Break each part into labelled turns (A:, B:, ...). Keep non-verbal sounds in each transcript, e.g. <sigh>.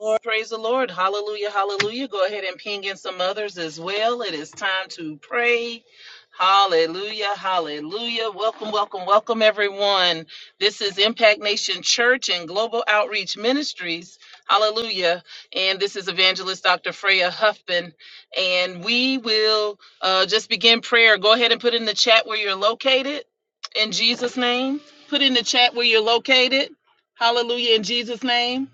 A: Lord, praise the Lord. Hallelujah. Hallelujah. Go ahead and ping in some others as well. It is time to pray. Hallelujah. Hallelujah. Welcome, welcome, welcome, everyone. This is Impact Nation Church and Global Outreach Ministries. Hallelujah. And this is Evangelist Dr. Freya Huffman. And we will uh, just begin prayer. Go ahead and put in the chat where you're located in Jesus' name. Put in the chat where you're located. Hallelujah. In Jesus' name.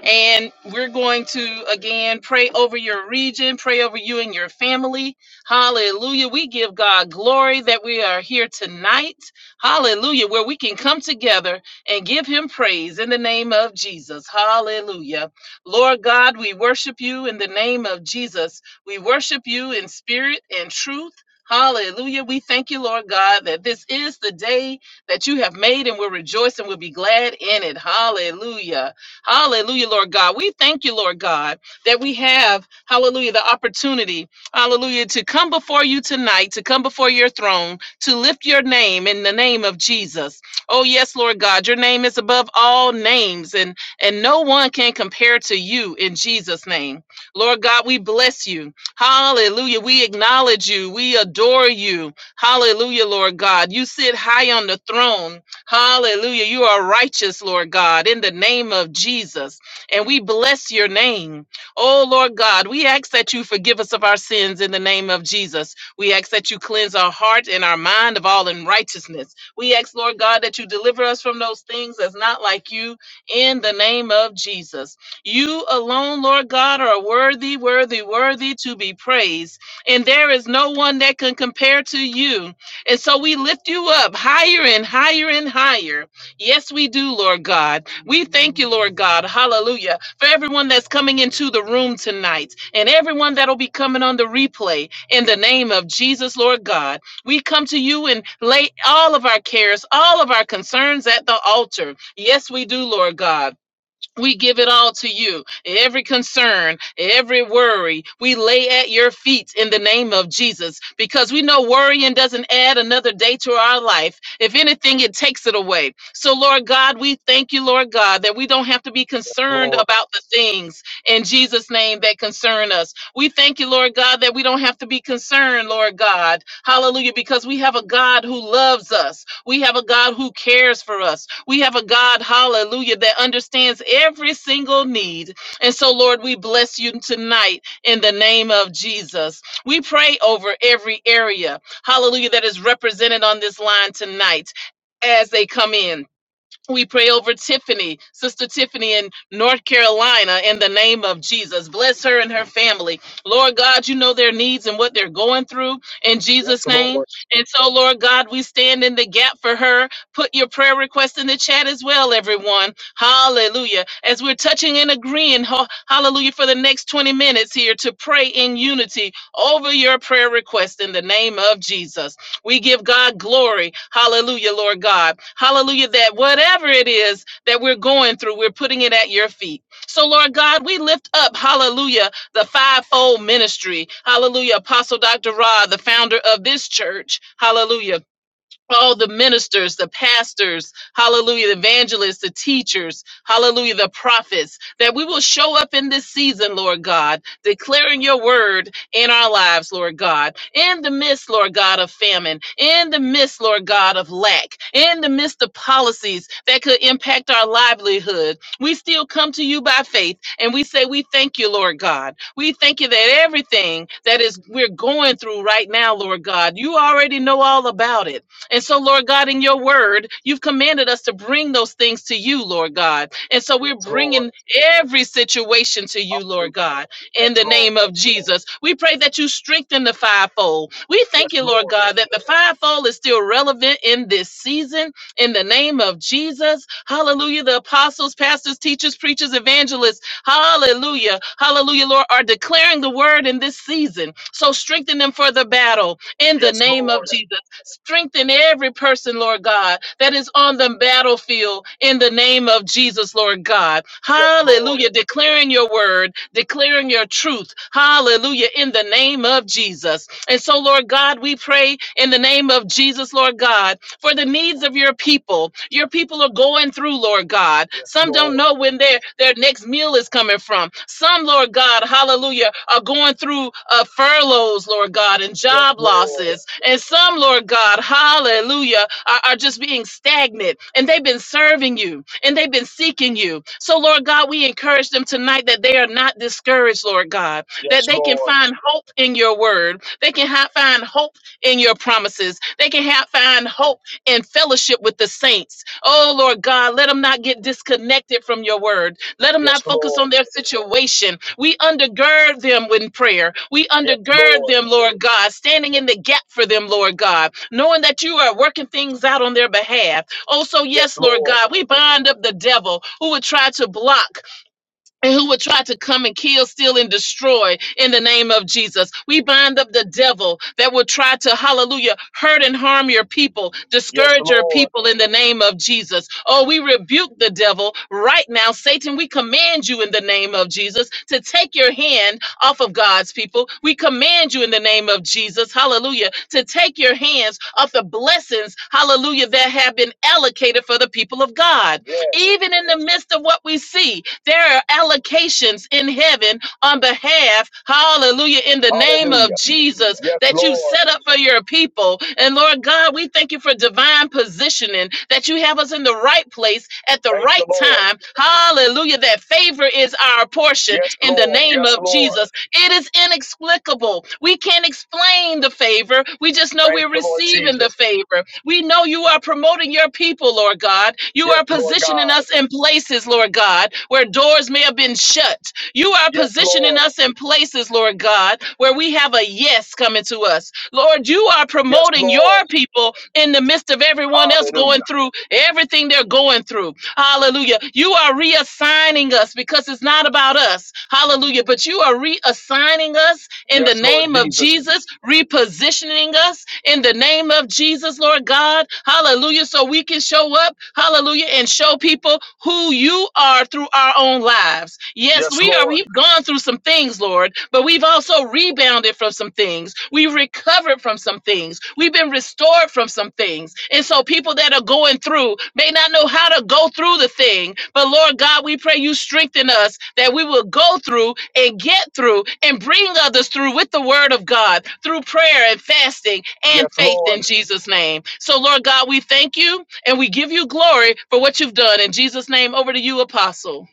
A: And we're going to again pray over your region, pray over you and your family. Hallelujah. We give God glory that we are here tonight. Hallelujah. Where we can come together and give him praise in the name of Jesus. Hallelujah. Lord God, we worship you in the name of Jesus. We worship you in spirit and truth. Hallelujah. We thank you, Lord God, that this is the day that you have made and we'll rejoice and we'll be glad in it. Hallelujah. Hallelujah, Lord God. We thank you, Lord God, that we have, hallelujah, the opportunity, hallelujah, to come before you tonight, to come before your throne, to lift your name in the name of Jesus. Oh, yes, Lord God, your name is above all names, and, and no one can compare to you in Jesus' name. Lord God, we bless you. Hallelujah. We acknowledge you. We adore you. Hallelujah, Lord God. You sit high on the throne. Hallelujah. You are righteous, Lord God, in the name of Jesus. And we bless your name. Oh, Lord God, we ask that you forgive us of our sins in the name of Jesus. We ask that you cleanse our heart and our mind of all unrighteousness. We ask, Lord God, that you deliver us from those things that's not like you in the name of Jesus. You alone, Lord God, are worthy, worthy, worthy to be praised. And there is no one that can compare to you. And so we lift you up higher and higher and higher. Yes, we do, Lord God. We thank you, Lord God. Hallelujah. For everyone that's coming into the room tonight and everyone that'll be coming on the replay in the name of Jesus, Lord God. We come to you and lay all of our cares, all of our concerns at the altar. Yes, we do, Lord God. We give it all to you. Every concern, every worry, we lay at your feet in the name of Jesus because we know worrying doesn't add another day to our life. If anything, it takes it away. So, Lord God, we thank you, Lord God, that we don't have to be concerned
B: Lord.
A: about the things in Jesus' name that concern us. We thank you, Lord God, that we don't have to be concerned, Lord God. Hallelujah, because we have a God who loves us. We have a God who cares for us. We have a God, hallelujah, that understands every single need. And so, Lord, we bless you tonight in the name of Jesus. We pray over every area, hallelujah, that is represented on this line tonight as they come in. We pray over Tiffany, Sister Tiffany in North Carolina, in the name of Jesus. Bless her and her family. Lord God, you know their needs and what they're going through in
B: Yes,
A: Jesus' name.
B: Lord.
A: And so, Lord God, we stand in the gap for her. Put your prayer request in the chat as well, everyone. Hallelujah. As we're touching and agreeing, ho- hallelujah, for the next 20 minutes here to pray in unity over your prayer request in the name of Jesus. We give God glory. Hallelujah, Lord God. Hallelujah, that whatever it is that we're going through, we're putting it at your feet. So, Lord God, we lift up, hallelujah, the fivefold ministry. Hallelujah, Apostle Dr. Rod, the founder of this church. Hallelujah all the ministers, the pastors, hallelujah, the evangelists, the teachers, hallelujah, the prophets, that we will show up in this season, Lord God, declaring your word in our lives, Lord God, in the midst, Lord God, of famine, in the midst, Lord God, of lack, in the midst of policies that could impact our livelihood. We still come to you by faith and we say, We thank you, Lord God. We thank you that everything that is we're going through right now, Lord God, you already know all about it. And so, Lord God, in your word, you've commanded us to bring those things to you, Lord God. And so, we're
B: Yes, Lord.
A: bringing every situation to you, Lord
B: Hallelujah.
A: God,
B: Yes,
A: in the
B: Lord.
A: name of Jesus. We pray that you strengthen the fivefold. We
B: Yes,
A: thank you, Lord
B: Lord.
A: God, that the fivefold is still relevant in this season, in the name of Jesus. Hallelujah. The apostles, pastors, teachers, preachers, evangelists, hallelujah. Hallelujah, Lord, are declaring the word in this season. So, strengthen them for the battle in the
B: Yes,
A: name of
B: Lord.
A: Jesus. Strengthen every person, Lord God, that is on the battlefield in the name of Jesus, Lord God.
B: Yes, Lord.
A: Hallelujah. Declaring your word, declaring your truth. Hallelujah. In the name of Jesus. And so, Lord God, we pray in the name of Jesus, Lord God, for the needs of your people. Your people are going through, Lord God. God.
B: Yes,
A: Some don't
B: Lord.
A: know when their their next meal is coming from. Some, Lord God, hallelujah, are going through uh, furloughs, Lord God, and
B: Yes,
A: job
B: Lord.
A: losses. And some, Lord God, hallelujah, are, are just being stagnant and they've been serving you and they've been seeking you. So, Lord God, we encourage them tonight that they are not discouraged, Lord God, that
B: Yes,
A: they can find hope in your word. They can ha- find hope in your promises. They can ha- find hope in fellowship with the saints. Oh, Lord God, let them not get disconnected from your word. Let them not focus on
B: Lord.
A: their situation. We undergird them with prayer. We
B: Yes,
A: undergird
B: Lord.
A: them, Lord God, standing in the gap for them, Lord God, knowing that you are working things out on their behalf. Oh, so
B: Yes,
A: yes, Lord
B: Lord.
A: God, we bind up the devil who would try to block and who would try to come and kill, steal, and destroy in the name of Jesus. We bind up the devil that would try to, hallelujah, hurt and harm your people,
B: Yes, Lord. Yes,
A: discourage your
B: Lord.
A: people in the name of Jesus. Oh, we rebuke the devil right now. Satan, we command you in the name of Jesus to take your hand off of God's people. We command you in the name of Jesus, hallelujah, to take your hands off the blessings, hallelujah, that have been allocated for the people of God.
B: Yes.
A: Even in the midst of what we see, there are allocations in heaven on behalf, hallelujah, in the name of
B: Hallelujah.
A: Jesus
B: Yes,
A: that you've
B: Lord.
A: set up for your people. And Lord God, we thank you for divine positioning that you have us in the right place at the
B: Thank you,
A: right
B: Lord.
A: time. Hallelujah, that favor is our portion
B: Yes,
A: in the
B: Lord.
A: name
B: Yes,
A: of
B: Lord.
A: Jesus. It is inexplicable. We can't explain the favor. We just know
B: Thank
A: we're
B: you, Lord
A: receiving the
B: Jesus.
A: favor. We know you are promoting your people, Lord God. You
B: Yes,
A: are
B: Lord
A: positioning
B: God.
A: us in places, Lord God, where doors may have been shut. You are
B: Yes,
A: positioning
B: Lord.
A: us in places, Lord God, where we have a yes coming to us. Lord, you are
B: Yes,
A: promoting your
B: Lord.
A: people in the midst of everyone else going
B: Hallelujah.
A: through everything they're going through. Hallelujah. You are reassigning us because it's not about us. Hallelujah. But you are reassigning us in the
B: Yes, Lord
A: name of
B: Jesus.
A: Jesus, repositioning us in the name of Jesus, Lord God. Hallelujah. So we can show up. Hallelujah. And show people who you are through our own lives. Yes,
B: Yes,
A: we are.
B: Lord.
A: We've gone through some things, Lord, but we've also rebounded from some things. We've covered from some things. We've been restored from some things. And so people that are going through may not know how to go through the thing. But Lord God, we pray you strengthen us that we will go through and get through and bring others through with the word of God through prayer and fasting
B: Yes,
A: and faith
B: Lord.
A: in Jesus' name. So Lord God, we thank you and we give you glory for what you've done. In Jesus' name, over to you, Apostle. Over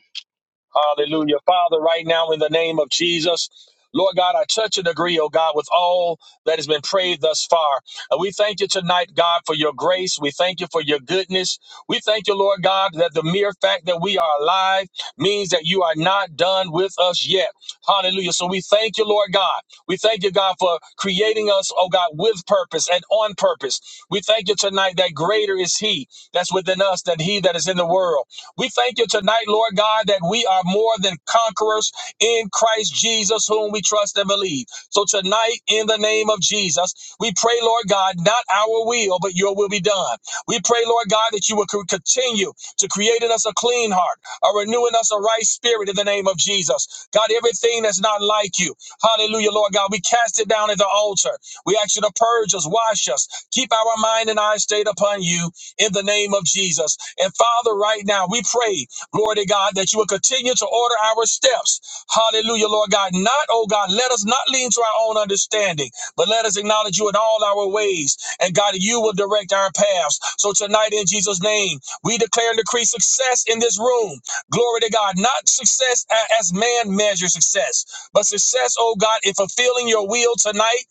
B: Hallelujah. Father, right now in the name of Jesus, Lord God, I touch and agree, oh God, with all that has been prayed thus far. And we thank you tonight, God, for your grace. We thank you for your goodness. We thank you, Lord God, that the mere fact that we are alive means that you are not done with us yet. Hallelujah. So we thank you, Lord God. We thank you, God, for creating us, oh God, with purpose and on purpose. We thank you tonight that greater is He that's within us than He that is in the world. We thank you tonight, Lord God, that we are more than conquerors in Christ Jesus, whom we trust and believe. So tonight, in the name of Jesus, we pray, Lord God, not our will, but your will be done. We pray, Lord God, that you will co- continue to create in us a clean heart, a renewing us a right spirit in the name of Jesus. God, everything that's not like you, hallelujah, Lord God, we cast it down at the altar. We ask you to purge us, wash us, keep our mind and eyes stayed upon you in the name of Jesus. And Father, right now, we pray, glory to God, that you will continue to order our steps. Hallelujah, Lord God. Not, oh God, let us not lean to our own understanding, but let us acknowledge you in all our ways. And God, you will direct our paths. So tonight, in Jesus' name, we declare and decree success in this room. Glory to God. Not success as man measures success, but success, oh God, in fulfilling your will tonight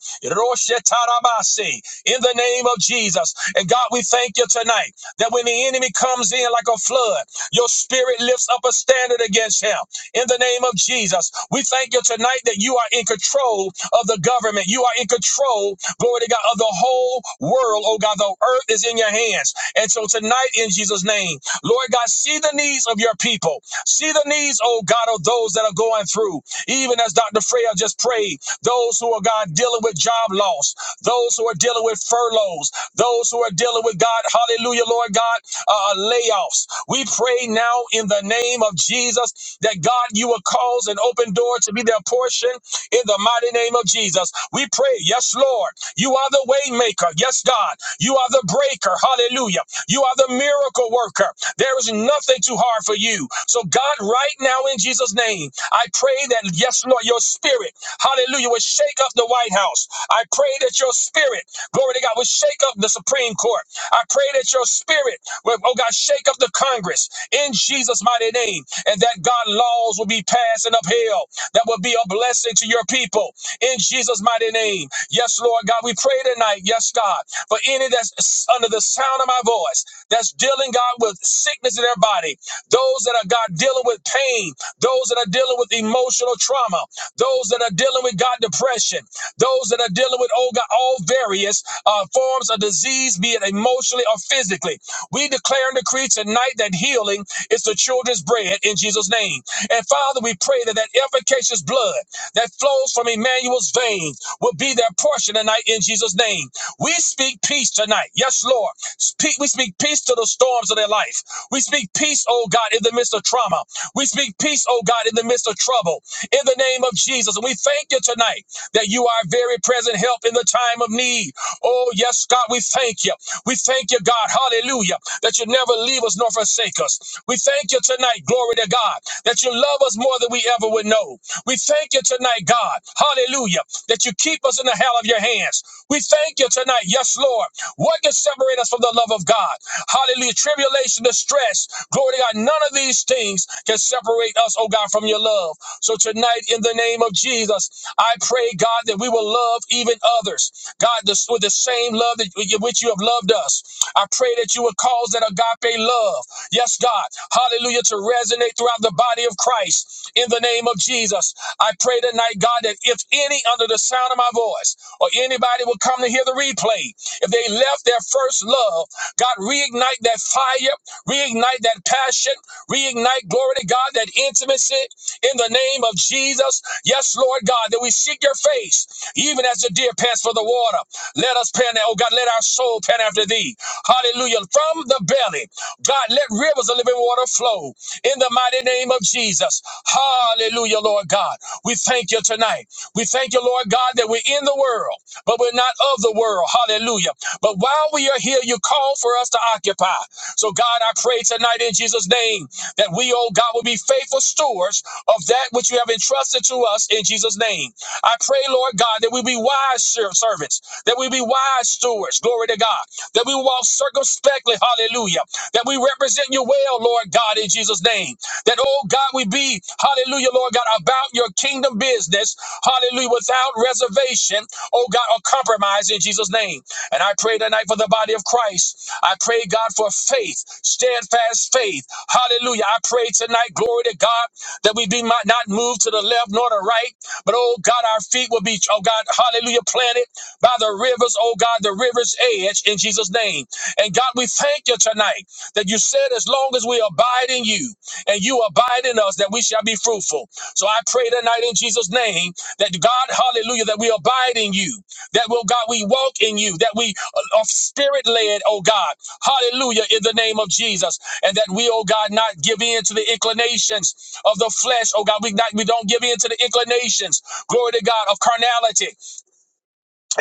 B: in the name of Jesus. And God, we thank you tonight that when the enemy comes in like a flood, your spirit lifts up a standard against him in the name of Jesus. We thank you tonight that you are in control of the government. You are in control, glory to God, of the whole world. Oh God, the earth is in your hands. And so tonight, in Jesus' name, Lord God, see the needs of your people. See the needs, oh God, of those that are going through. Even as Dr. Freya just prayed, those who are, God, dealing with job loss, those who are dealing with furloughs, those who are dealing with God, hallelujah, Lord God, uh, layoffs. We pray now in the name of Jesus that God, you will cause an open door to be their portion in the mighty name of Jesus. We pray, yes, Lord, you are the way maker. Yes, God, you are the breaker. Hallelujah. You are the miracle worker. There is nothing too hard for you. So, God, right now in Jesus' name, I pray that, yes, Lord, your spirit, hallelujah, will shake up the White House. I pray that your spirit, glory to God, will shake up the Supreme Court. I pray that your spirit will, oh God, shake up the Congress in Jesus' mighty name, and that God laws will be passed and upheld that will be a blessing to your people in Jesus' mighty name. Yes, Lord God, we pray tonight, yes, God, for any that's under the sound of my voice that's dealing, God, with sickness in their body, those that are, God, dealing with pain, those that are dealing with emotional trauma, those that are dealing with, God, depression. Those that are dealing with, oh God, all various uh, forms of disease, be it emotionally or physically. We declare and decree tonight that healing is the children's bread in Jesus' name. And Father, we pray that that efficacious blood that flows from Emmanuel's veins will be their portion tonight in Jesus' name. We speak peace tonight. Yes, Lord. Speak, we speak peace to the storms of their life. We speak peace, oh God, in the midst of trauma. We speak peace, oh God, in the midst of trouble. In the name of Jesus. And we thank you tonight that you are very present help in the time of need. Oh, yes, God, we thank you. We thank you, God, hallelujah, that you never leave us nor forsake us. We thank you tonight, glory to God, that you love us more than we ever would know. We thank you tonight, God, hallelujah, that you keep us in the hell of your hands. We thank you tonight, yes, Lord. What can separate us from the love of God? Hallelujah. Tribulation, distress, glory to God. None of these things can separate us, oh God, from your love. So tonight, in the name of Jesus, I pray, God, that we will love even others. God, this, with the same love that which you have loved us. I pray that you would cause that agape love, yes, God, hallelujah, to resonate throughout the body of Christ. In the name of Jesus, I pray tonight, God, that if any under the sound of my voice or anybody will come to hear the replay, if they left their first love, God, reignite that fire, reignite that passion, reignite, glory to God, that intimacy in the name of Jesus. Yes, Lord God, that we seek your face, even as the deer pants for the water. Let us pant, oh God, let our soul pant after thee. Hallelujah. From the belly, God, let rivers of living water flow in the mighty name of Jesus. Hallelujah, Lord God. We thank you tonight. We thank you, Lord God, that we're in the world, but we're not of the world. Hallelujah. But while we are here, you call for us to occupy. So, God, I pray tonight in Jesus' name that we, oh God, will be faithful stewards of that which you have entrusted to us in Jesus' name. I pray, Lord God, that we be wise ser- servants, that we be wise stewards, glory to God, that we walk circumspectly, hallelujah, that we represent you well, Lord God, in Jesus' name, that, oh God, we be, hallelujah, Lord God, about your kingdom business, hallelujah, without reservation, oh God, or compromise in Jesus' name. And I pray tonight for the body of Christ I pray, God, for faith, steadfast faith. Hallelujah. I pray tonight, glory to God, that we be not not moved to the left nor the right, but oh God, our feet will be, oh God, hallelujah, planted by the rivers, oh God, the river's edge in Jesus' name. And God, we thank you tonight that you said, as long as we abide in you and you abide in us, that we shall be fruitful. So I pray tonight in Jesus' name that God, hallelujah, that we abide in you. That will God, we walk in you, that we are spirit led, oh God. Hallelujah, in the name of Jesus. And that we, oh God, not give in to the inclinations of the flesh, oh God. We not we don't give in to the inclinations, glory to God, of carnality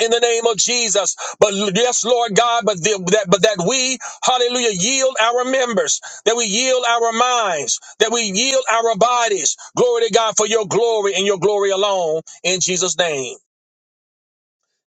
B: in the name of Jesus. But yes, Lord God, but the, that but that we, hallelujah, yield our members, that we yield our minds, that we yield our bodies, glory to God, for your glory and your glory alone in Jesus' name.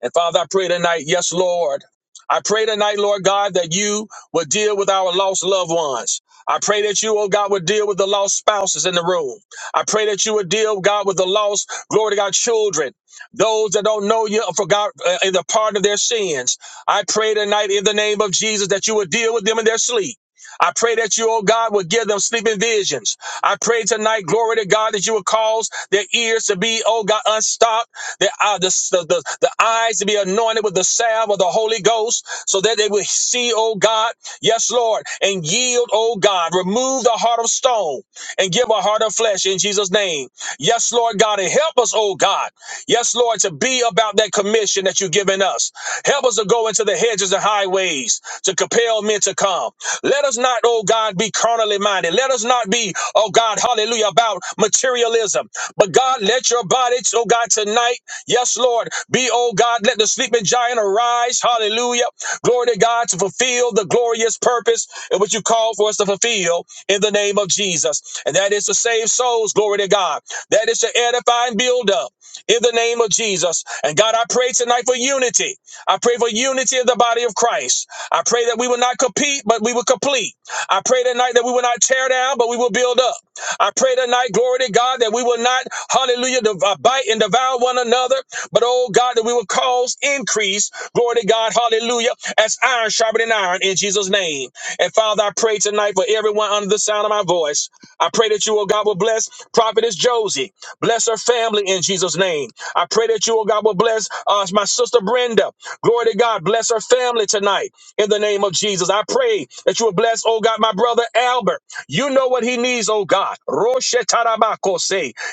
B: And Father, I pray tonight, yes, Lord. I pray tonight, Lord God, that you would deal with our lost loved ones. I pray that you, oh God, would deal with the lost spouses in the room. I pray that you would deal, God, with the lost, glory to God, children, those that don't know you, forgot uh, in the part of their sins. I pray tonight in the name of Jesus that you would deal with them in their sleep. I pray that you, oh God, would give them sleeping visions. I pray tonight, glory to God, that you would cause their ears to be, oh God, unstopped, their, uh, the, the, the, the eyes to be anointed with the salve of the Holy Ghost, so that they will see, oh God, yes, Lord, and yield, oh God. Remove the heart of stone and give a heart of flesh in Jesus' name. Yes, Lord God, and help us, oh God. Yes, Lord, to be about that commission that you've given us. Help us to go into the hedges and highways to compel men to come. Let us not, oh God, be carnally minded. Let us not be, oh God, hallelujah, about materialism. But God, let your body, oh God, tonight, yes, Lord, be, oh God, let the sleeping giant arise. Hallelujah. Glory to God to fulfill the glorious purpose in which you call for us to fulfill in the name of Jesus. And that is to save souls. Glory to God. That is to edify and build up in the name of Jesus. And God, I pray tonight for unity. I pray for unity of the body of Christ. I pray that we will not compete, but we will complete. I pray tonight that we will not tear down, but we will build up. I pray tonight, glory to God, that we will not, hallelujah, div- uh, bite and devour one another, but oh God, that we will cause increase, glory to God, hallelujah, as iron sharpening iron in Jesus' name. And Father, I pray tonight for everyone under the sound of my voice. I pray that you, oh God, will bless Prophetess Josie. Bless her family in Jesus' name. I pray that you, oh God, will bless uh, my sister Brenda. Glory to God. Bless her family tonight in the name of Jesus. I pray that you will bless, oh God, my brother Albert. You know what he needs, oh God. Roshe tarabako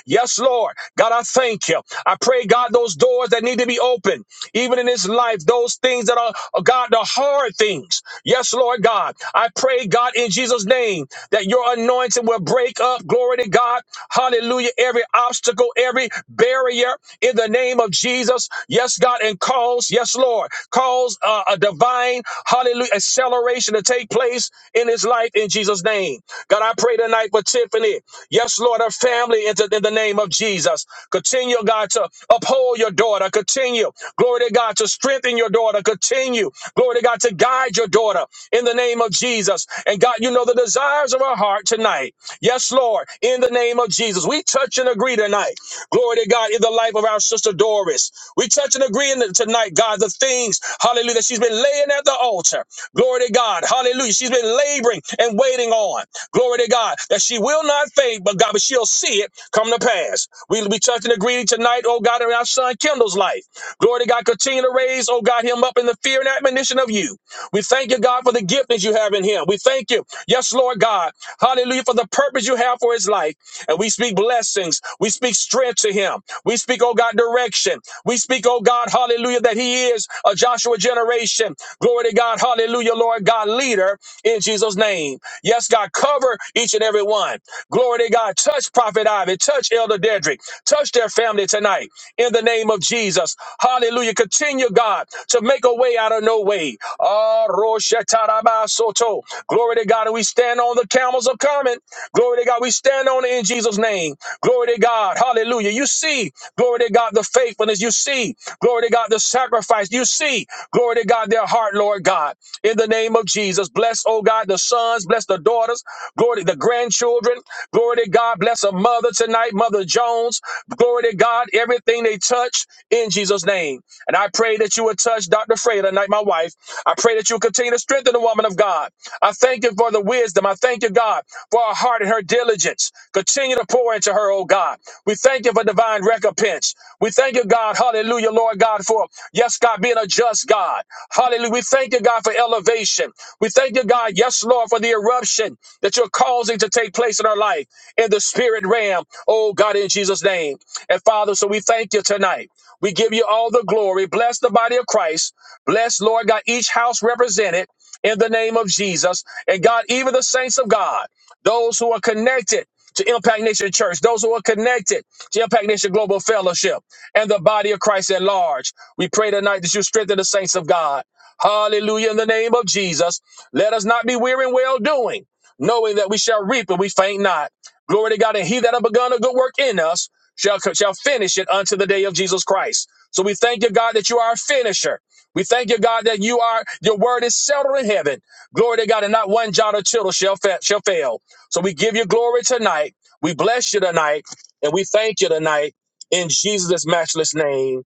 B: Yes, Lord. God, I thank you. I pray, God, those doors that need to be opened, even in his life, those things that are, oh God, the hard things. Yes, Lord God. I pray, God, in Jesus' name, that your anointing will break up. Glory to God. Hallelujah. Every obstacle, every barrier in the name of Jesus. Yes, God, and cause, yes, Lord, cause cause uh, a divine, hallelujah, acceleration to take place in his life in Jesus' name. God, I pray tonight for Tiffany. Yes, Lord, her family in the in the name of Jesus. Continue, God, to uphold your daughter. Continue, glory to God, to strengthen your daughter. Continue, glory to God, to guide your daughter in the name of Jesus. And God, you know the desires of her heart tonight. Yes, Lord, in the name of Jesus. We touch and agree tonight. Glory to God in the life of our sister Doris. We touch and agree in the- tonight, God, the things, hallelujah, that she's been laying at the altar. Glory to God. Hallelujah. She's been laboring and waiting on. Glory to God. That she will not faint, but God, but she'll see it come to pass. We'll be touching and agreeing tonight, oh God, in our son Kendall's life. Glory to God. Continue to raise, oh God, him up in the fear and admonition of you. We thank you, God, for the gift that you have in him. We thank you. Yes, Lord God. Hallelujah. For the purpose you have for his life. And we speak blessings. We speak strength to him. We speak, oh God, direction. We speak, oh God, hallelujah, that he is a Joshua generation. Glory to God, hallelujah, Lord God, leader in Jesus' name. Yes, God, cover each and every one. Glory to God, touch Prophet Ivy, touch Elder Dedrick, touch their family tonight in the name of Jesus. Hallelujah. Continue, God, to make a way out of no way. Ah, Rosh Hashanah, Soto. Glory to God. And we stand on the the camels are coming. Glory to God. We stand on it in Jesus' name. Glory to God. Hallelujah. You see, glory to God, the faithfulness. You see, glory to God, the sacrifice. You see, glory to God, their heart, Lord God. In the name of Jesus, bless, oh God, the sons, bless the daughters, glory to the grandchildren. Glory to God, bless a mother tonight, Mother Jones. Glory to God, everything they touch in Jesus' name. And I pray that you would touch Dr. Frey tonight, my wife. I pray that you continue to strengthen strengthen the woman of God. I thank you for the wisdom. I thank you, God, for her heart and her diligence. Continue to pour into her, oh God. We thank you for divine recompense. We thank you, God, hallelujah, Lord God, for, yes, God, being a just God. Hallelujah. We thank you, God, for elevation. We thank you, God, yes, Lord, for the eruption that you're causing to take place in our life in the spirit realm, oh God, in Jesus' name. And Father, so we thank you tonight. We give you all the glory. Bless the body of Christ. Bless, Lord God, each house represented in the name of Jesus. And God, even the saints of God, those who are connected to Impact Nation Church, those who are connected to Impact Nation Global Fellowship and the body of Christ at large, we pray tonight that you strengthen the saints of God. Hallelujah. In the name of Jesus, let us not be weary in well doing, knowing that we shall reap and we faint not. Glory to God. And he that have begun a good work in us shall, shall finish it unto the day of Jesus Christ. So we thank you, God, that you are a finisher. We thank you, God, that you are, your word is settled in heaven. Glory to God, and not one jot or tittle shall, fa- shall fail. So we give you glory tonight. We bless you tonight, and we thank you tonight in Jesus' matchless name.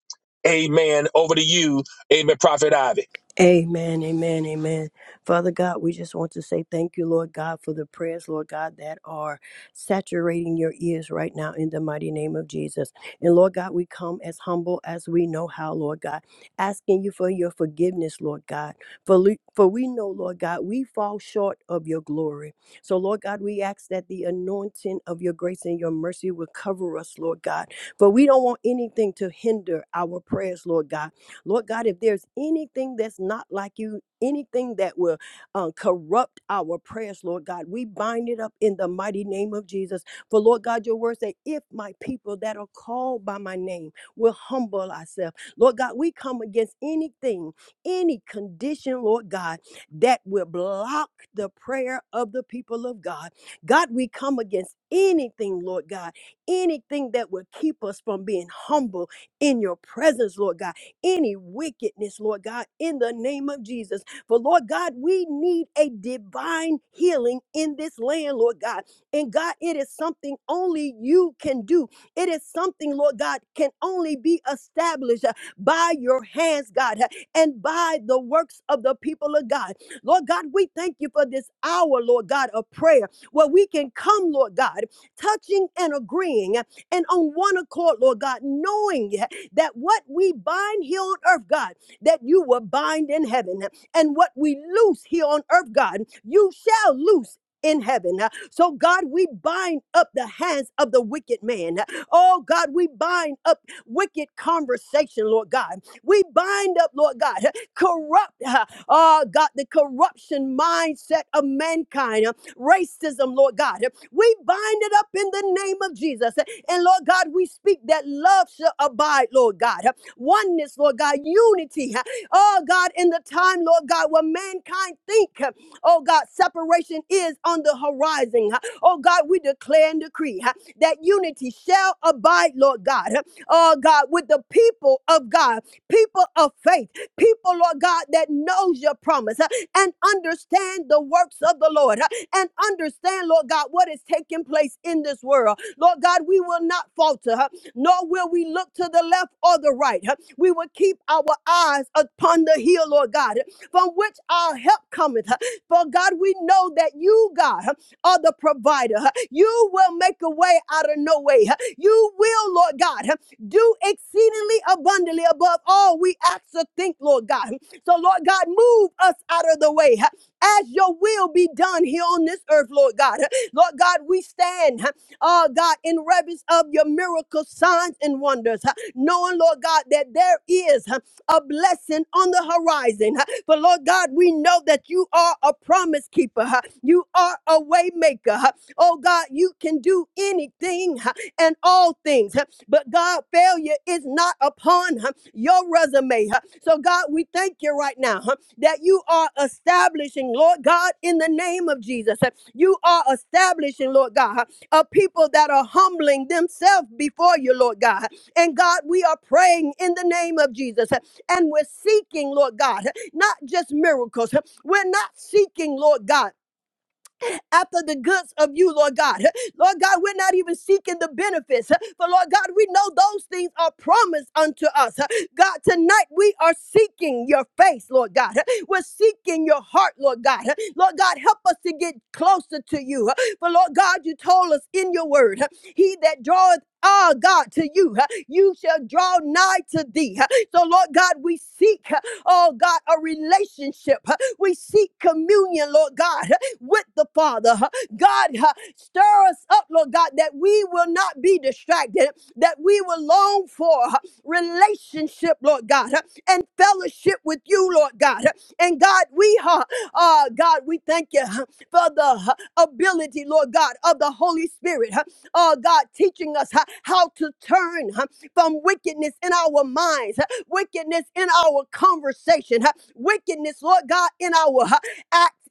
B: Amen. Over to you, Amen, Prophet Ivy.
C: Amen, amen, amen. Father God, we just want to say thank you, Lord God, for the prayers, Lord God, that are saturating your ears right now in the mighty name of Jesus. And Lord God, we come as humble as we know how, Lord God, asking you for your forgiveness, Lord God. For, le- for we know, Lord God, we fall short of your glory. So, Lord God, we ask that the anointing of your grace and your mercy will cover us, Lord God. For we don't want anything to hinder our prayers, Lord God. Lord God, if there's anything that's not like you, anything that will uh, corrupt our prayers, Lord God, we bind it up in the mighty name of Jesus. For Lord God, your word say, if my people that are called by my name will humble ourselves, Lord God, we come against anything, any condition, Lord God, that will block the prayer of the people of God. God, we come against anything, Lord God, anything that will keep us from being humble in your presence, Lord God any wickedness, Lord God, in the name of Jesus. For Lord God, we need a divine healing in this land, Lord God. And God, it is something only you can do. It is something, Lord God, can only be established uh, by your hands, God, uh, and by the works of the people of God. Lord God, we thank you for this hour, Lord God, of prayer where we can come, Lord God, touching and agreeing uh, and on one accord, Lord God, knowing uh, that what we bind here on earth, God, that you will bind in heaven, and what we loose here on earth, God, you shall loose. In heaven. So, God, we bind up the hands of the wicked man. Oh, God, we bind up wicked conversation, Lord God. We bind up, Lord God, corrupt, uh, oh, God, the corruption mindset of mankind racism, Lord God. We bind it up in the name of Jesus. And Lord God, we speak that love shall abide, Lord God. Oneness, Lord God, unity. Oh God, in the time, Lord God, where mankind think, oh God, separation is on the horizon. Oh God, we declare and decree that unity shall abide, Lord God. Oh God, with the people of God, people of faith, people, Lord God, that knows your promise and understand the works of the Lord and understand, Lord God, what is taking place in this world. Lord God, we will not falter, huh, nor will we look to the left or the right. huh. We will keep our eyes upon the hill, Lord God, from which our help cometh. huh. For God, we know that you, God, huh, are the provider. huh. You will make a way out of no way. huh. You will, Lord God, huh, do exceedingly abundantly above all we ask or think, Lord God. So, Lord God, move us out of the way. Huh? as your will be done here on this earth, Lord God. <laughs> Lord God, we stand, <laughs> oh God, in reverence of your miracle signs and wonders, <laughs> knowing, Lord God, that there is <laughs> a blessing on the horizon. <laughs> For Lord God, we know that you are a promise keeper. <laughs> You are a way maker. <laughs> Oh God, you can do anything <laughs> and all things. <laughs> But God, failure is not upon <laughs> your resume. So God, we thank you right now. <laughs> that you are establishing, Lord God, in the name of Jesus. You are establishing, Lord God, a people that are humbling themselves before you, Lord God. And God, we are praying in the name of Jesus. And we're seeking, Lord God, not just miracles. We're not seeking, Lord God after the goods of you, Lord God. Lord God, we're not even seeking the benefits. For Lord God, we know those things are promised unto us. God, tonight we are seeking your face, Lord God. We're seeking your heart, Lord God. Lord God, help us to get closer to you. For Lord God, you told us in your word, he that draweth Ah, God, to you, you shall draw nigh to thee. So, Lord God, we seek, oh God, a relationship. We seek communion, Lord God with the Father. huh. God, huh, stir us up, Lord God, that we will not be distracted, that we will long for huh, relationship, Lord God, huh, and fellowship with you, Lord God. huh. And God, we, huh, uh, God, we thank you huh, for the huh, ability, Lord God, of the Holy Spirit, huh, uh, God, teaching us huh, how to turn huh, from wickedness in our minds, huh, wickedness in our conversation, huh, wickedness, Lord God, in our huh,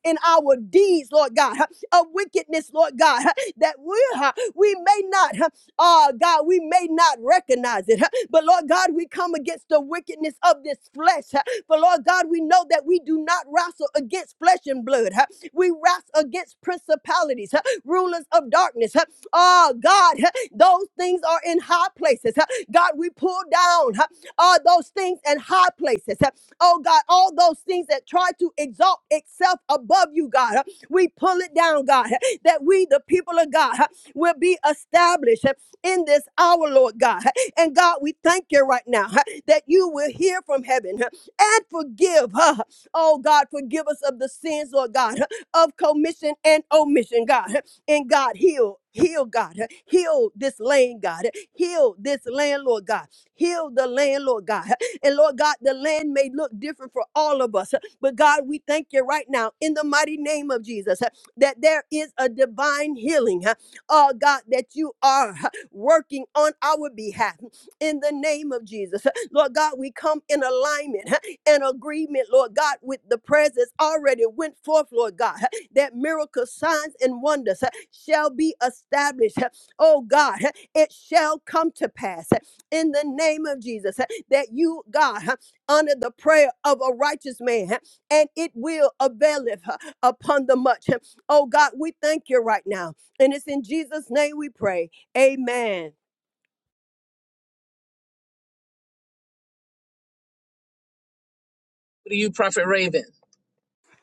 C: in our deeds, Lord God, huh, of wickedness, Lord God, huh, that we, huh, we may not, uh, God, we may not recognize it. huh, But Lord God, we come against the wickedness of this flesh. huh, But Lord God, we know that we do not wrestle against flesh and blood. huh, We wrestle against principalities, huh, rulers of darkness. Oh God, huh, those things are in high places. huh, God, we pull down. huh, all those things and high places. Oh God, all those things that try to exalt itself above you, God, we pull it down, God, that we, the people of God, will be established in this hour, Lord God. And God, we thank you right now that you will hear from heaven and forgive. Oh God, forgive us of the sins, Lord God, of commission and omission, God. And God, heal. Heal, God. Heal this land, God. Heal this land, Lord God. Heal the land, Lord God. <laughs> And Lord God, the land may look different for all of us. But God, we thank you right now in the mighty name of Jesus <laughs> that there is a divine healing. <laughs> Oh God, that you are <laughs> working on our behalf <laughs> in the name of Jesus. <laughs> Lord God, we come in alignment <laughs> and agreement, Lord God, with the prayers that's already went forth, Lord God, <laughs> that miracle signs and wonders <laughs> shall be established. <laughs> Oh God, it shall come to pass in the name of Jesus, huh, that you, God, huh, honor the prayer of a righteous man, huh, and it will availeth huh, upon the much. huh. Oh God, we thank you right now. And it's in Jesus' name we pray. Amen.
A: To you, Prophet Raven.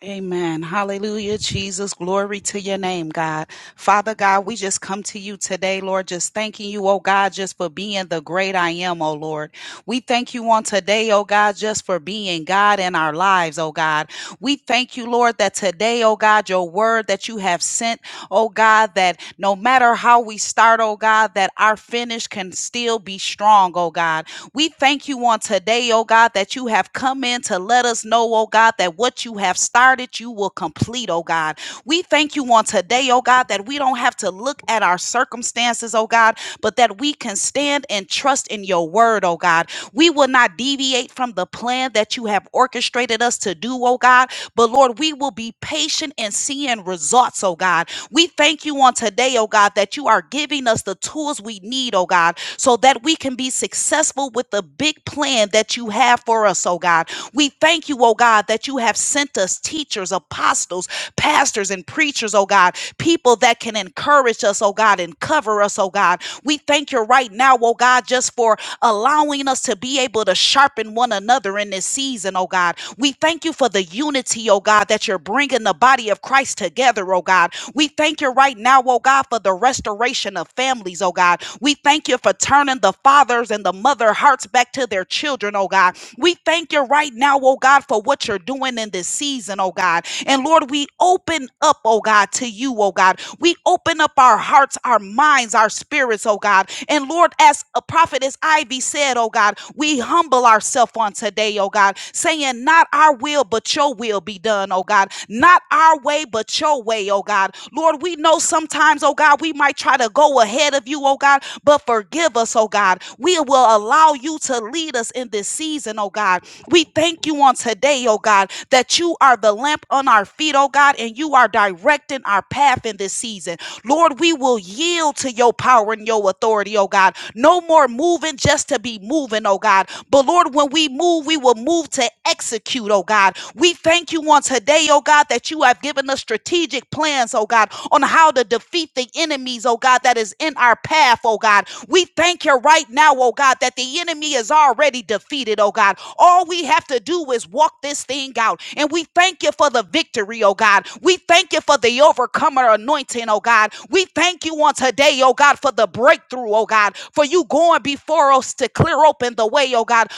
D: Amen. Hallelujah. Jesus, glory to your name, God. Father God, we just come to you today, Lord, just thanking you, oh God, just for being the great I am, oh Lord. We thank you on today, oh God, just for being God in our lives, oh God. We thank you, Lord, that today, oh God, your word that you have sent oh God, that no matter how we start, oh God, that our finish can still be strong, oh God. We thank you on today, oh God, that you have come in to let us know, oh God, that what you have started, you will complete, oh God. We thank you on today, oh God, that we don't have to look at our circumstances, oh God, but that we can stand and trust in your word, oh God. We will not deviate from the plan that you have orchestrated us to do, oh God, but Lord, we will be patient in seeing results, oh God. We thank you on today, oh God, that you are giving us the tools we need, oh God, so that we can be successful with the big plan that you have for us, oh God. We thank you, oh God, that you have sent us teachers, apostles, pastors, and preachers, oh God, people that can encourage us, oh God, and cover us, oh God. We thank you right now, oh God, just for allowing us to be able to sharpen one another in this season, oh God. We thank you for the unity, oh God, that you're bringing the body of Christ together, oh God. We thank you right now, oh God, for the restoration of families, oh God. We thank you for turning the fathers and the mother hearts back to their children, oh God. We thank you right now, oh God, for what you're doing in this season, oh God. And Lord, we open up, oh God, to you, oh God. We open up our hearts, our minds, our spirits, oh God. And Lord, as a prophetess Ivy said, oh God, we humble ourselves on today, oh God, saying, Not our will, but your will be done, oh God. Not our way, but your way, oh God. Lord, we know sometimes, oh God, we might try to go ahead of you, oh God, but forgive us, oh God. We will allow you to lead us in this season, oh God. We thank you on today, oh God, that you are the lamp on our feet, oh God, and you are directing our path in this season. Lord, we will yield to your power and your authority, oh God. No more moving just to be moving, oh God. But Lord, when we move, we will move to execute, oh God. We thank you on today, oh God, that you have given us strategic plans, oh God, on how to defeat the enemies, oh God, that is in our path, oh God. We thank you right now, oh God, that the enemy is already defeated, oh God. All we have to do is walk this thing out. And we thank you for the victory, oh God. We thank you for the overcomer anointing, oh God. We thank you on today, oh God, for the breakthrough, oh God, for you going before us to clear open the way, oh God.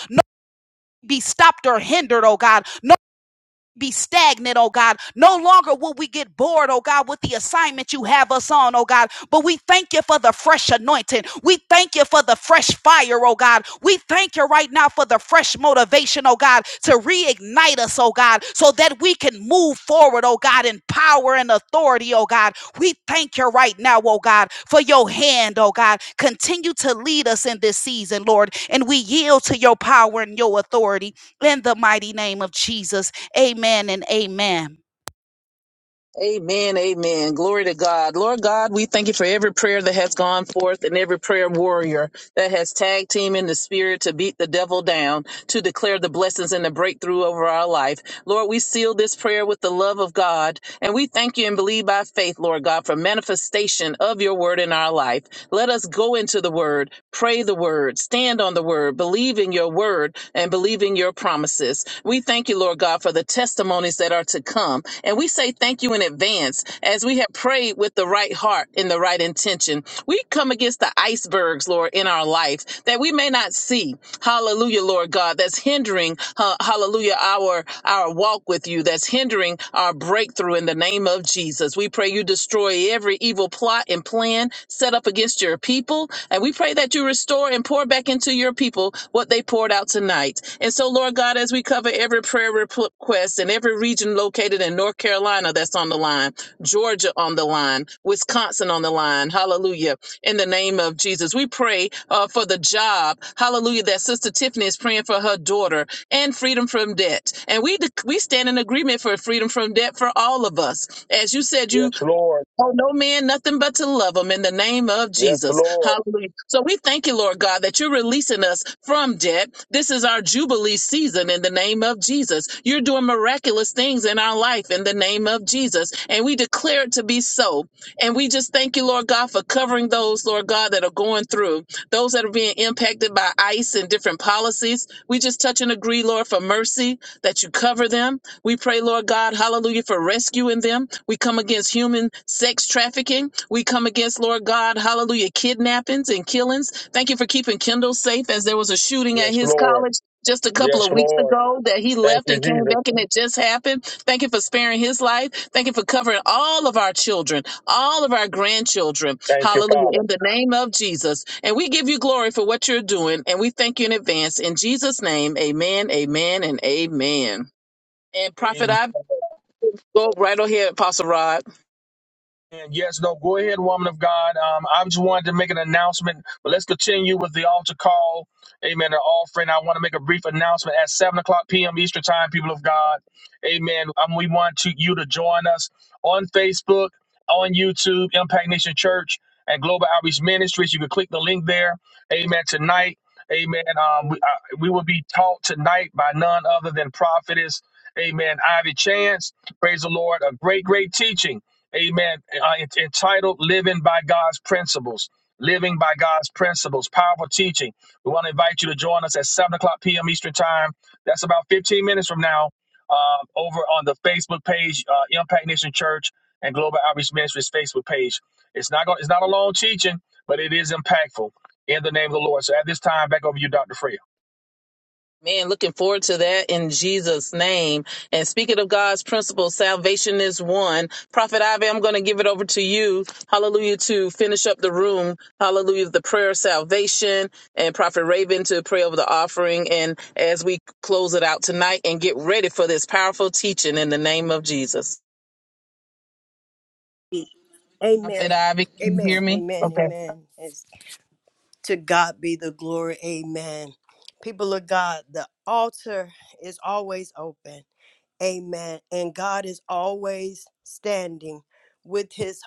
D: Be stopped or hindered, oh God be stagnant, oh God. No longer will we get bored, oh God, with the assignment you have us on, oh God. But we thank you for the fresh anointing. We thank you for the fresh fire, oh God. We thank you right now for the fresh motivation, oh God, to reignite us, oh God, so that we can move forward, oh God, in power and authority, oh God. We thank you right now, oh God, for your hand, oh God. Continue to lead us in this season, Lord, and we yield to your power and your authority in the mighty name of Jesus. Amen and amen.
A: Amen. Amen. Glory to God. Lord God, we thank you for every prayer that has gone forth and every prayer warrior that has tag team in the spirit to beat the devil down, to declare the blessings and the breakthrough over our life. Lord, we seal this prayer with the love of God, and we thank you and believe by faith, Lord God, for manifestation of your word in our life. Let us go into the word, pray the word, stand on the word, believe in your word, and believe in your promises. We thank you, Lord God, for the testimonies that are to come. And we say thank you in advance as we have prayed with the right heart and the right intention. We come against the icebergs, Lord, in our life that we may not see. Hallelujah, Lord God, that's hindering, uh, hallelujah, our our walk with you, that's hindering our breakthrough in the name of Jesus. We pray you destroy every evil plot and plan set up against your people, and we pray that you restore and pour back into your people what they poured out tonight. And so, Lord God, as we cover every prayer request in every region located in North Carolina that's on the line, Georgia on the line, Wisconsin on the line, hallelujah in the name of Jesus. We pray uh, for the job, hallelujah, that Sister Tiffany is praying for her daughter and freedom from debt. And we, dec we stand in agreement for freedom from debt for all of us. As you said, you
B: Yes, Lord.
A: Oh, no man, nothing but to love them in the name of
B: Yes,
A: Jesus.
B: Lord.
A: Hallelujah. So we thank you, Lord God, that you're releasing us from debt. This is our Jubilee season in the name of Jesus. You're doing miraculous things in our life in the name of Jesus. And we declare it to be so. And we just thank you, Lord God, for covering those, Lord God, that are going through those that are being impacted by ICE and different policies. We just touch and agree, Lord, for mercy that you cover them. We pray, Lord God, hallelujah, for rescuing them. We come against human sex trafficking. We come against, Lord God, hallelujah, kidnappings and killings. Thank you for keeping Kendall safe as there was a shooting at
B: Yes,
A: his
B: Lord.
A: college just a couple
B: Yes,
A: of weeks
B: Lord.
A: ago that he
B: Thank
A: left
B: you,
A: and came
B: Jesus.
A: back and it just happened. Thank you for sparing his life. Thank you for covering all of our children, all of our grandchildren.
B: Thank you,
A: Hallelujah.
B: Father.
A: In the name of Jesus. And we give you glory for what you're doing and we thank you in advance. In Jesus' name, amen, amen, and amen. And prophet, I go right ahead, Apostle Rod.
B: And yes, no, go ahead, woman of God. Um, I just wanted to make an announcement, but let's continue with the altar call. Amen. The offering. I want to make a brief announcement at 7 o'clock p.m. Eastern Time, people of God. Amen. Um, we want to, you to join us on Facebook, on YouTube, Impact Nation Church, and Global Outreach Ministries. You can click the link there. Amen. Tonight, amen. Um, we, uh, we will be taught tonight by none other than prophetess, amen, Ivy Chance. Praise the Lord. A great, great teaching. Amen. Uh, it's entitled Living by God's Principles. Living by God's Principles. Powerful teaching. We want to invite you to join us at 7 o'clock p.m. Eastern Time. That's about 15 minutes from now uh, over on the Facebook page, uh, Impact Nation Church and Global Outreach Ministries Facebook page. It's not, going. it's not a long teaching, but it is impactful in the name of the Lord. So at this time, back over to you, Dr. Freya.
A: Man, looking forward to that in Jesus' name. And speaking of God's principle, salvation is one. Prophet Ivy, I'm going to give it over to you. Hallelujah to finish up the room. Hallelujah, the prayer of salvation and Prophet Raven to pray over the offering. And as we close it out tonight and get ready for this powerful teaching in the name of Jesus.
C: Amen.
A: Prophet Ivy, can you
C: Amen.
A: hear me?
C: Amen.
A: Okay.
C: Amen. As- to God be the glory. Amen. People of God, the altar is always open. Amen. And God is always standing with his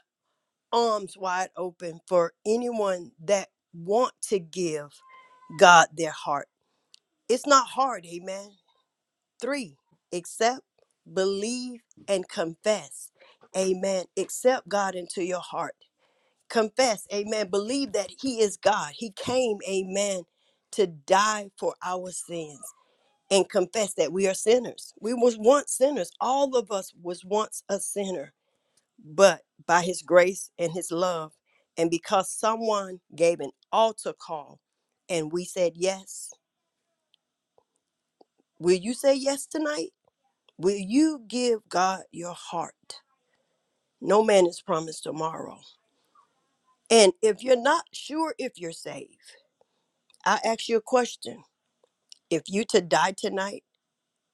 C: arms wide open for anyone that want to give God their heart. It's not hard, amen. 3. Accept, believe and confess. Amen. Accept God into your heart. Confess, amen. Believe that he is God. He came, amen, to die for our sins and confess that we are sinners. We was once sinners. All of us was once a sinner but by his grace and his love, and because someone gave an altar call and we said yes, will you say yes tonight? Will you give God your heart? No man is promised tomorrow. And if you're not sure if you're saved, I ask you a question. If you to die tonight,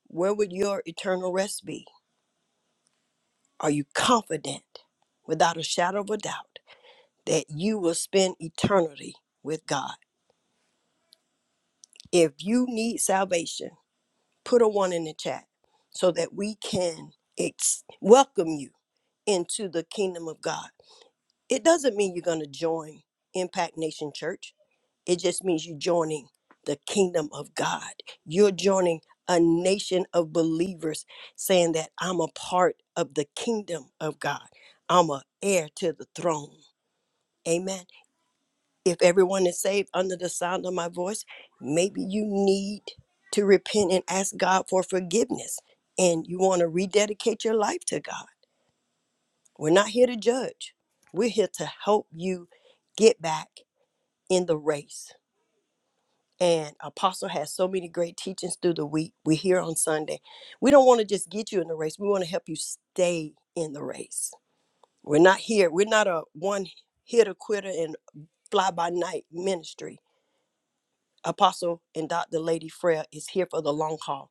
C: where would your eternal rest be? Are you confident, without a shadow of a doubt, that you will spend eternity with God? If you need salvation, put a one in the chat so that we can ex- welcome you into the kingdom of God. It doesn't mean you're going to join Impact Nation Church, it just means you're joining the kingdom of God. You're joining a nation of believers saying that I'm a part of the kingdom of God, I'm a heir to the throne. Amen if everyone is saved under the sound of my voice, maybe you need to repent and ask God for forgiveness and you want to rededicate your life to God. We're not here to judge, we're here to help you get back in the race. And Apostle has so many great teachings through the week. We're here on Sunday. We don't want to just get you in the race, we want to help you stay in the race. We're not here, we're not a one hitter quitter and fly by night ministry Apostle and Dr. Lady Freya is here for the long haul.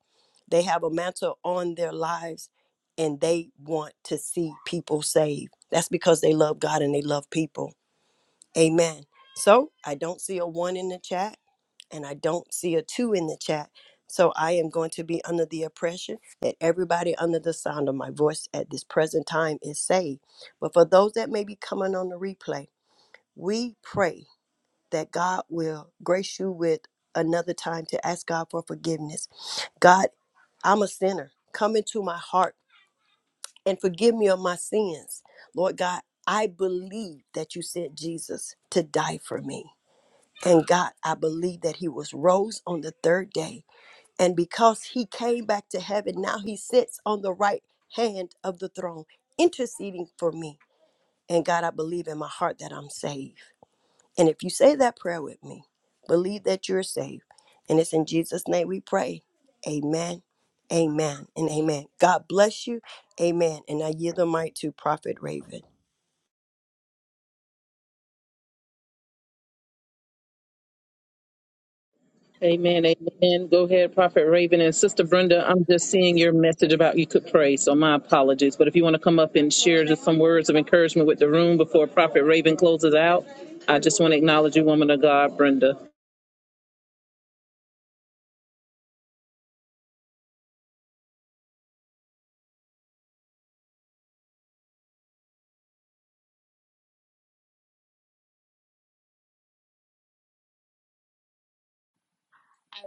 C: They have a mantle on their lives and they want to see people saved. That's because they love God and they love people. Amen. So I don't see a one in the chat and I don't see a two in the chat. So I am going to be under the impression that everybody under the sound of my voice at this present time is saved. But for those that may be coming on the replay, we pray that God will grace you with another time to ask God for forgiveness. God, I'm a sinner. Come into my heart and forgive me of my sins. Lord God, I believe that you sent Jesus to die for me. And God, I believe that he was rose on the third day. And because he came back to heaven, now he sits on the right hand of the throne, interceding for me. And God, I believe in my heart that I'm saved. And if you say that prayer with me, believe that you're saved. And it's in Jesus' name we pray. Amen, amen, and amen. God bless you. Amen. And I yield the mic to Prophet Raven.
A: Amen. Amen. Go ahead, Prophet Raven. And Sister Brenda, I'm just seeing your message about you could pray. So my apologies. But if you want to come up and share just some words of encouragement with the room before Prophet Raven closes out, I just want to acknowledge you, woman of God, Brenda.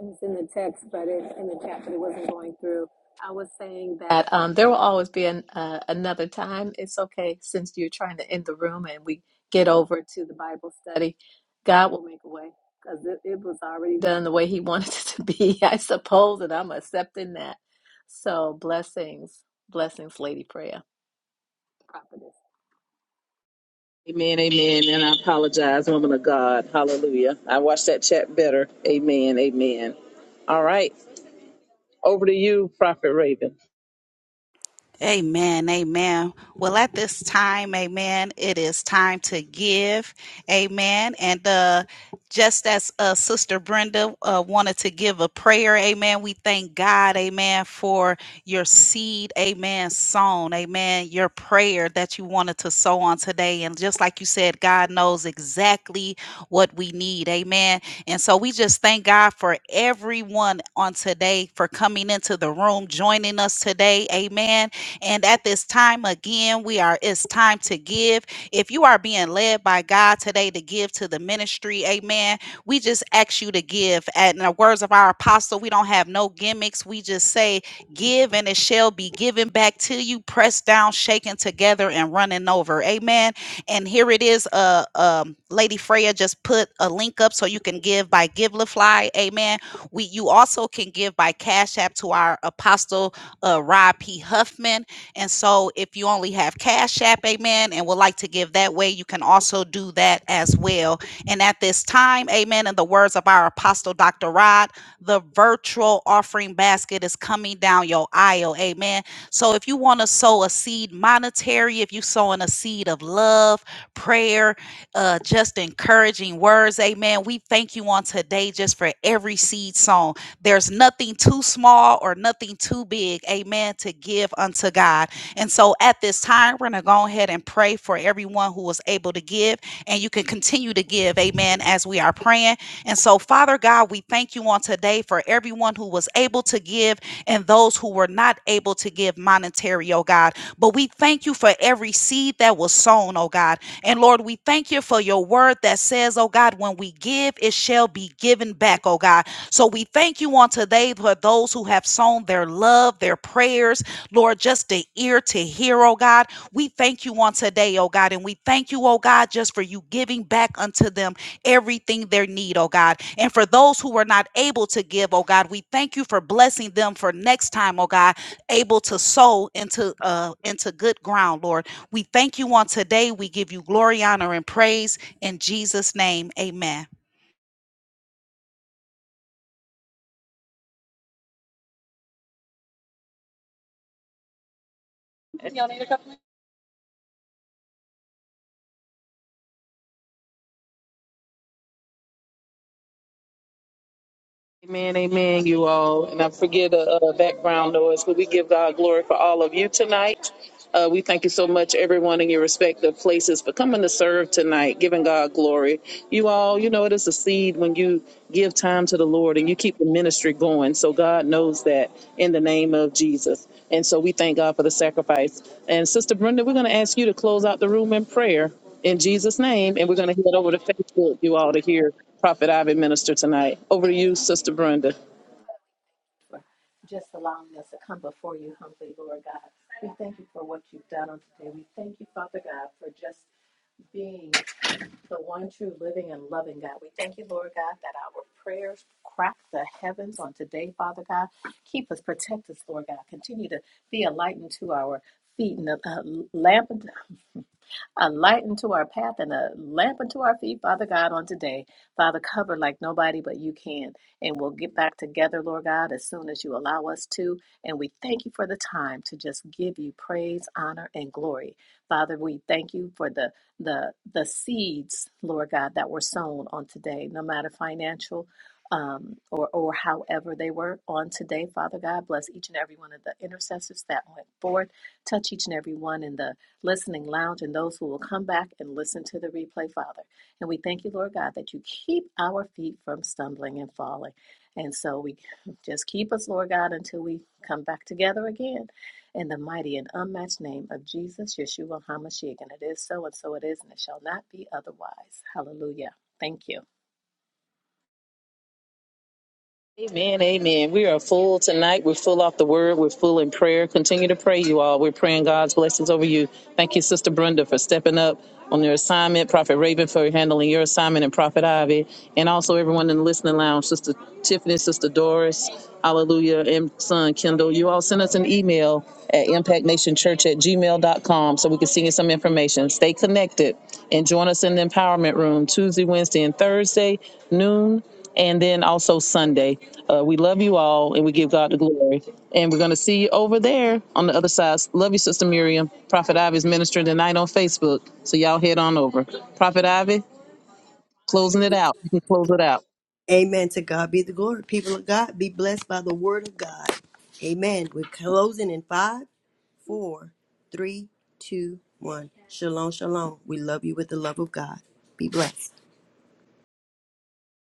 E: I was in the text, but it, in the chat, but it wasn't going through. I was saying that um, there will always be an, uh, another time. It's okay since you're trying to end the room and we get over to the Bible study. God will make a way because it, it was already done the way He <laughs> wanted it to be, <laughs> I suppose, and I'm accepting that. So blessings, blessings, Lady Prayer, prophetess,
A: Amen. Amen. And I apologize, woman of God. Hallelujah. I watched that chat better. Amen. Amen. All right. Over to you, Prophet Raven.
D: Amen. Amen. Well, at this time, amen, it is time to give. Amen. And uh, just as uh, Sister Brenda uh, wanted to give a prayer, amen, we thank God, amen, for your seed, amen, sown, amen, your prayer that you wanted to sow on today. And just like you said, God knows exactly what we need, amen. And so we just thank God for everyone on today for coming into the room, joining us today, amen and at this time, again, we are, it's time to give. If you are being led by God today to give to the ministry, amen, we just ask you to give. At in the words of our apostle, we don't have no gimmicks. We just say, give and it shall be given back to you, pressed down, shaken together, and running over. Amen. And here it is. Uh, um, Lady Freya just put a link up so you can give by GiveLify. Amen. We you also can give by Cash App to our apostle uh, Rob P. Huffman. And so if you only have Cash App, amen, and would like to give that way, you can also do that as well. And at this time, amen, in the words of our apostle, Dr. Rod, the virtual offering basket is coming down your aisle, amen. So if you want to sow a seed monetary, if you're sowing a seed of love, prayer, uh, just encouraging words, amen, we thank you on today just for every seed sown. There's nothing too small or nothing too big, amen, to give unto God. And so at this time, we're going to go ahead and pray for everyone who was able to give, and you can continue to give, amen, as we are praying. And so, Father God, we thank you on today for everyone who was able to give and those who were not able to give monetary, oh God. But we thank you for every seed that was sown, oh God. And Lord, we thank you for your word that says, oh God, when we give, it shall be given back, oh God. So we thank you on today for those who have sown their love, their prayers, Lord, just the ear to hear, oh God. We thank you on today, oh God, and we thank you, oh God, just for you giving back unto them everything their need, oh God. And for those who were not able to give, oh God, we thank you for blessing them for next time, oh God, able to sow into uh into good ground, Lord. We thank you on today. We give you glory, honor, and praise in Jesus' name. Amen.
A: Amen, amen, you all. And I forget the uh, background noise, but we give God glory for all of you tonight. Uh, we thank you so much, everyone in your respective places, for coming to serve tonight, giving God glory. You all, you know, it is a seed when you give time to the Lord and you keep the ministry going. So God knows that in the name of Jesus. And so we thank God for the sacrifice. And Sister Brenda, we're going to ask you to close out the room in prayer in Jesus' name. And we're going to head over to Facebook, you all, to hear Prophet Ivan minister tonight. Over to you, Sister Brenda.
E: for just allowing us to come before you humbly, Lord God. We thank you for what you've done on today. We thank you, Father God, for just being. the one true living and loving God. We thank you, Lord God, that our prayers crack the heavens on today, Father God. Keep us, protect us, Lord God. Continue to be a light unto our feet and a, a lamp a light into our path and a lamp unto our feet, Father God, on today. Father, cover like nobody but you can. And we'll get back together, Lord God, as soon as you allow us to. And we thank you for the time to just give you praise, honor, and glory. Father, we thank you for the the the seeds, Lord God, that were sown on today, no matter financial um, or or however they were on today. Father God, bless each and every one of the intercessors that went forth. Touch each and every one in the listening lounge, and those who will come back and listen to the replay, Father. And we thank you, Lord God, that you keep our feet from stumbling and falling. And so we just keep us, Lord God, until we come back together again. In the mighty and unmatched name of Jesus, Yeshua HaMashiach. And it is so, and so it is, and it shall not be otherwise. Hallelujah. Thank you.
A: Amen, amen. We are full tonight. We're full off the word. We're full in prayer. Continue to pray, you all. We're praying God's blessings over you. Thank you, Sister Brenda, for stepping up on your assignment. Prophet Raven for handling your assignment, and Prophet Ivy, and also everyone in the listening lounge. Sister Tiffany, Sister Doris, Hallelujah, and Son Kendall. You all send us an email at impactnationchurch at gmail.com so we can send you some information. Stay connected and join us in the empowerment room Tuesday, Wednesday, and Thursday, noon and then also Sunday. Uh, we love you all and we give God the glory. And we're going to see you over there on the other side. Love you, Sister Miriam. Prophet Ivy is ministering tonight on Facebook. So y'all head on over. Prophet Ivy, closing it out. You can close it out.
C: Amen. To God be the glory. People of God, be blessed by the word of God. Amen. We're closing in five, four, three, two, one. Shalom, shalom. We love you with the love of God. Be blessed.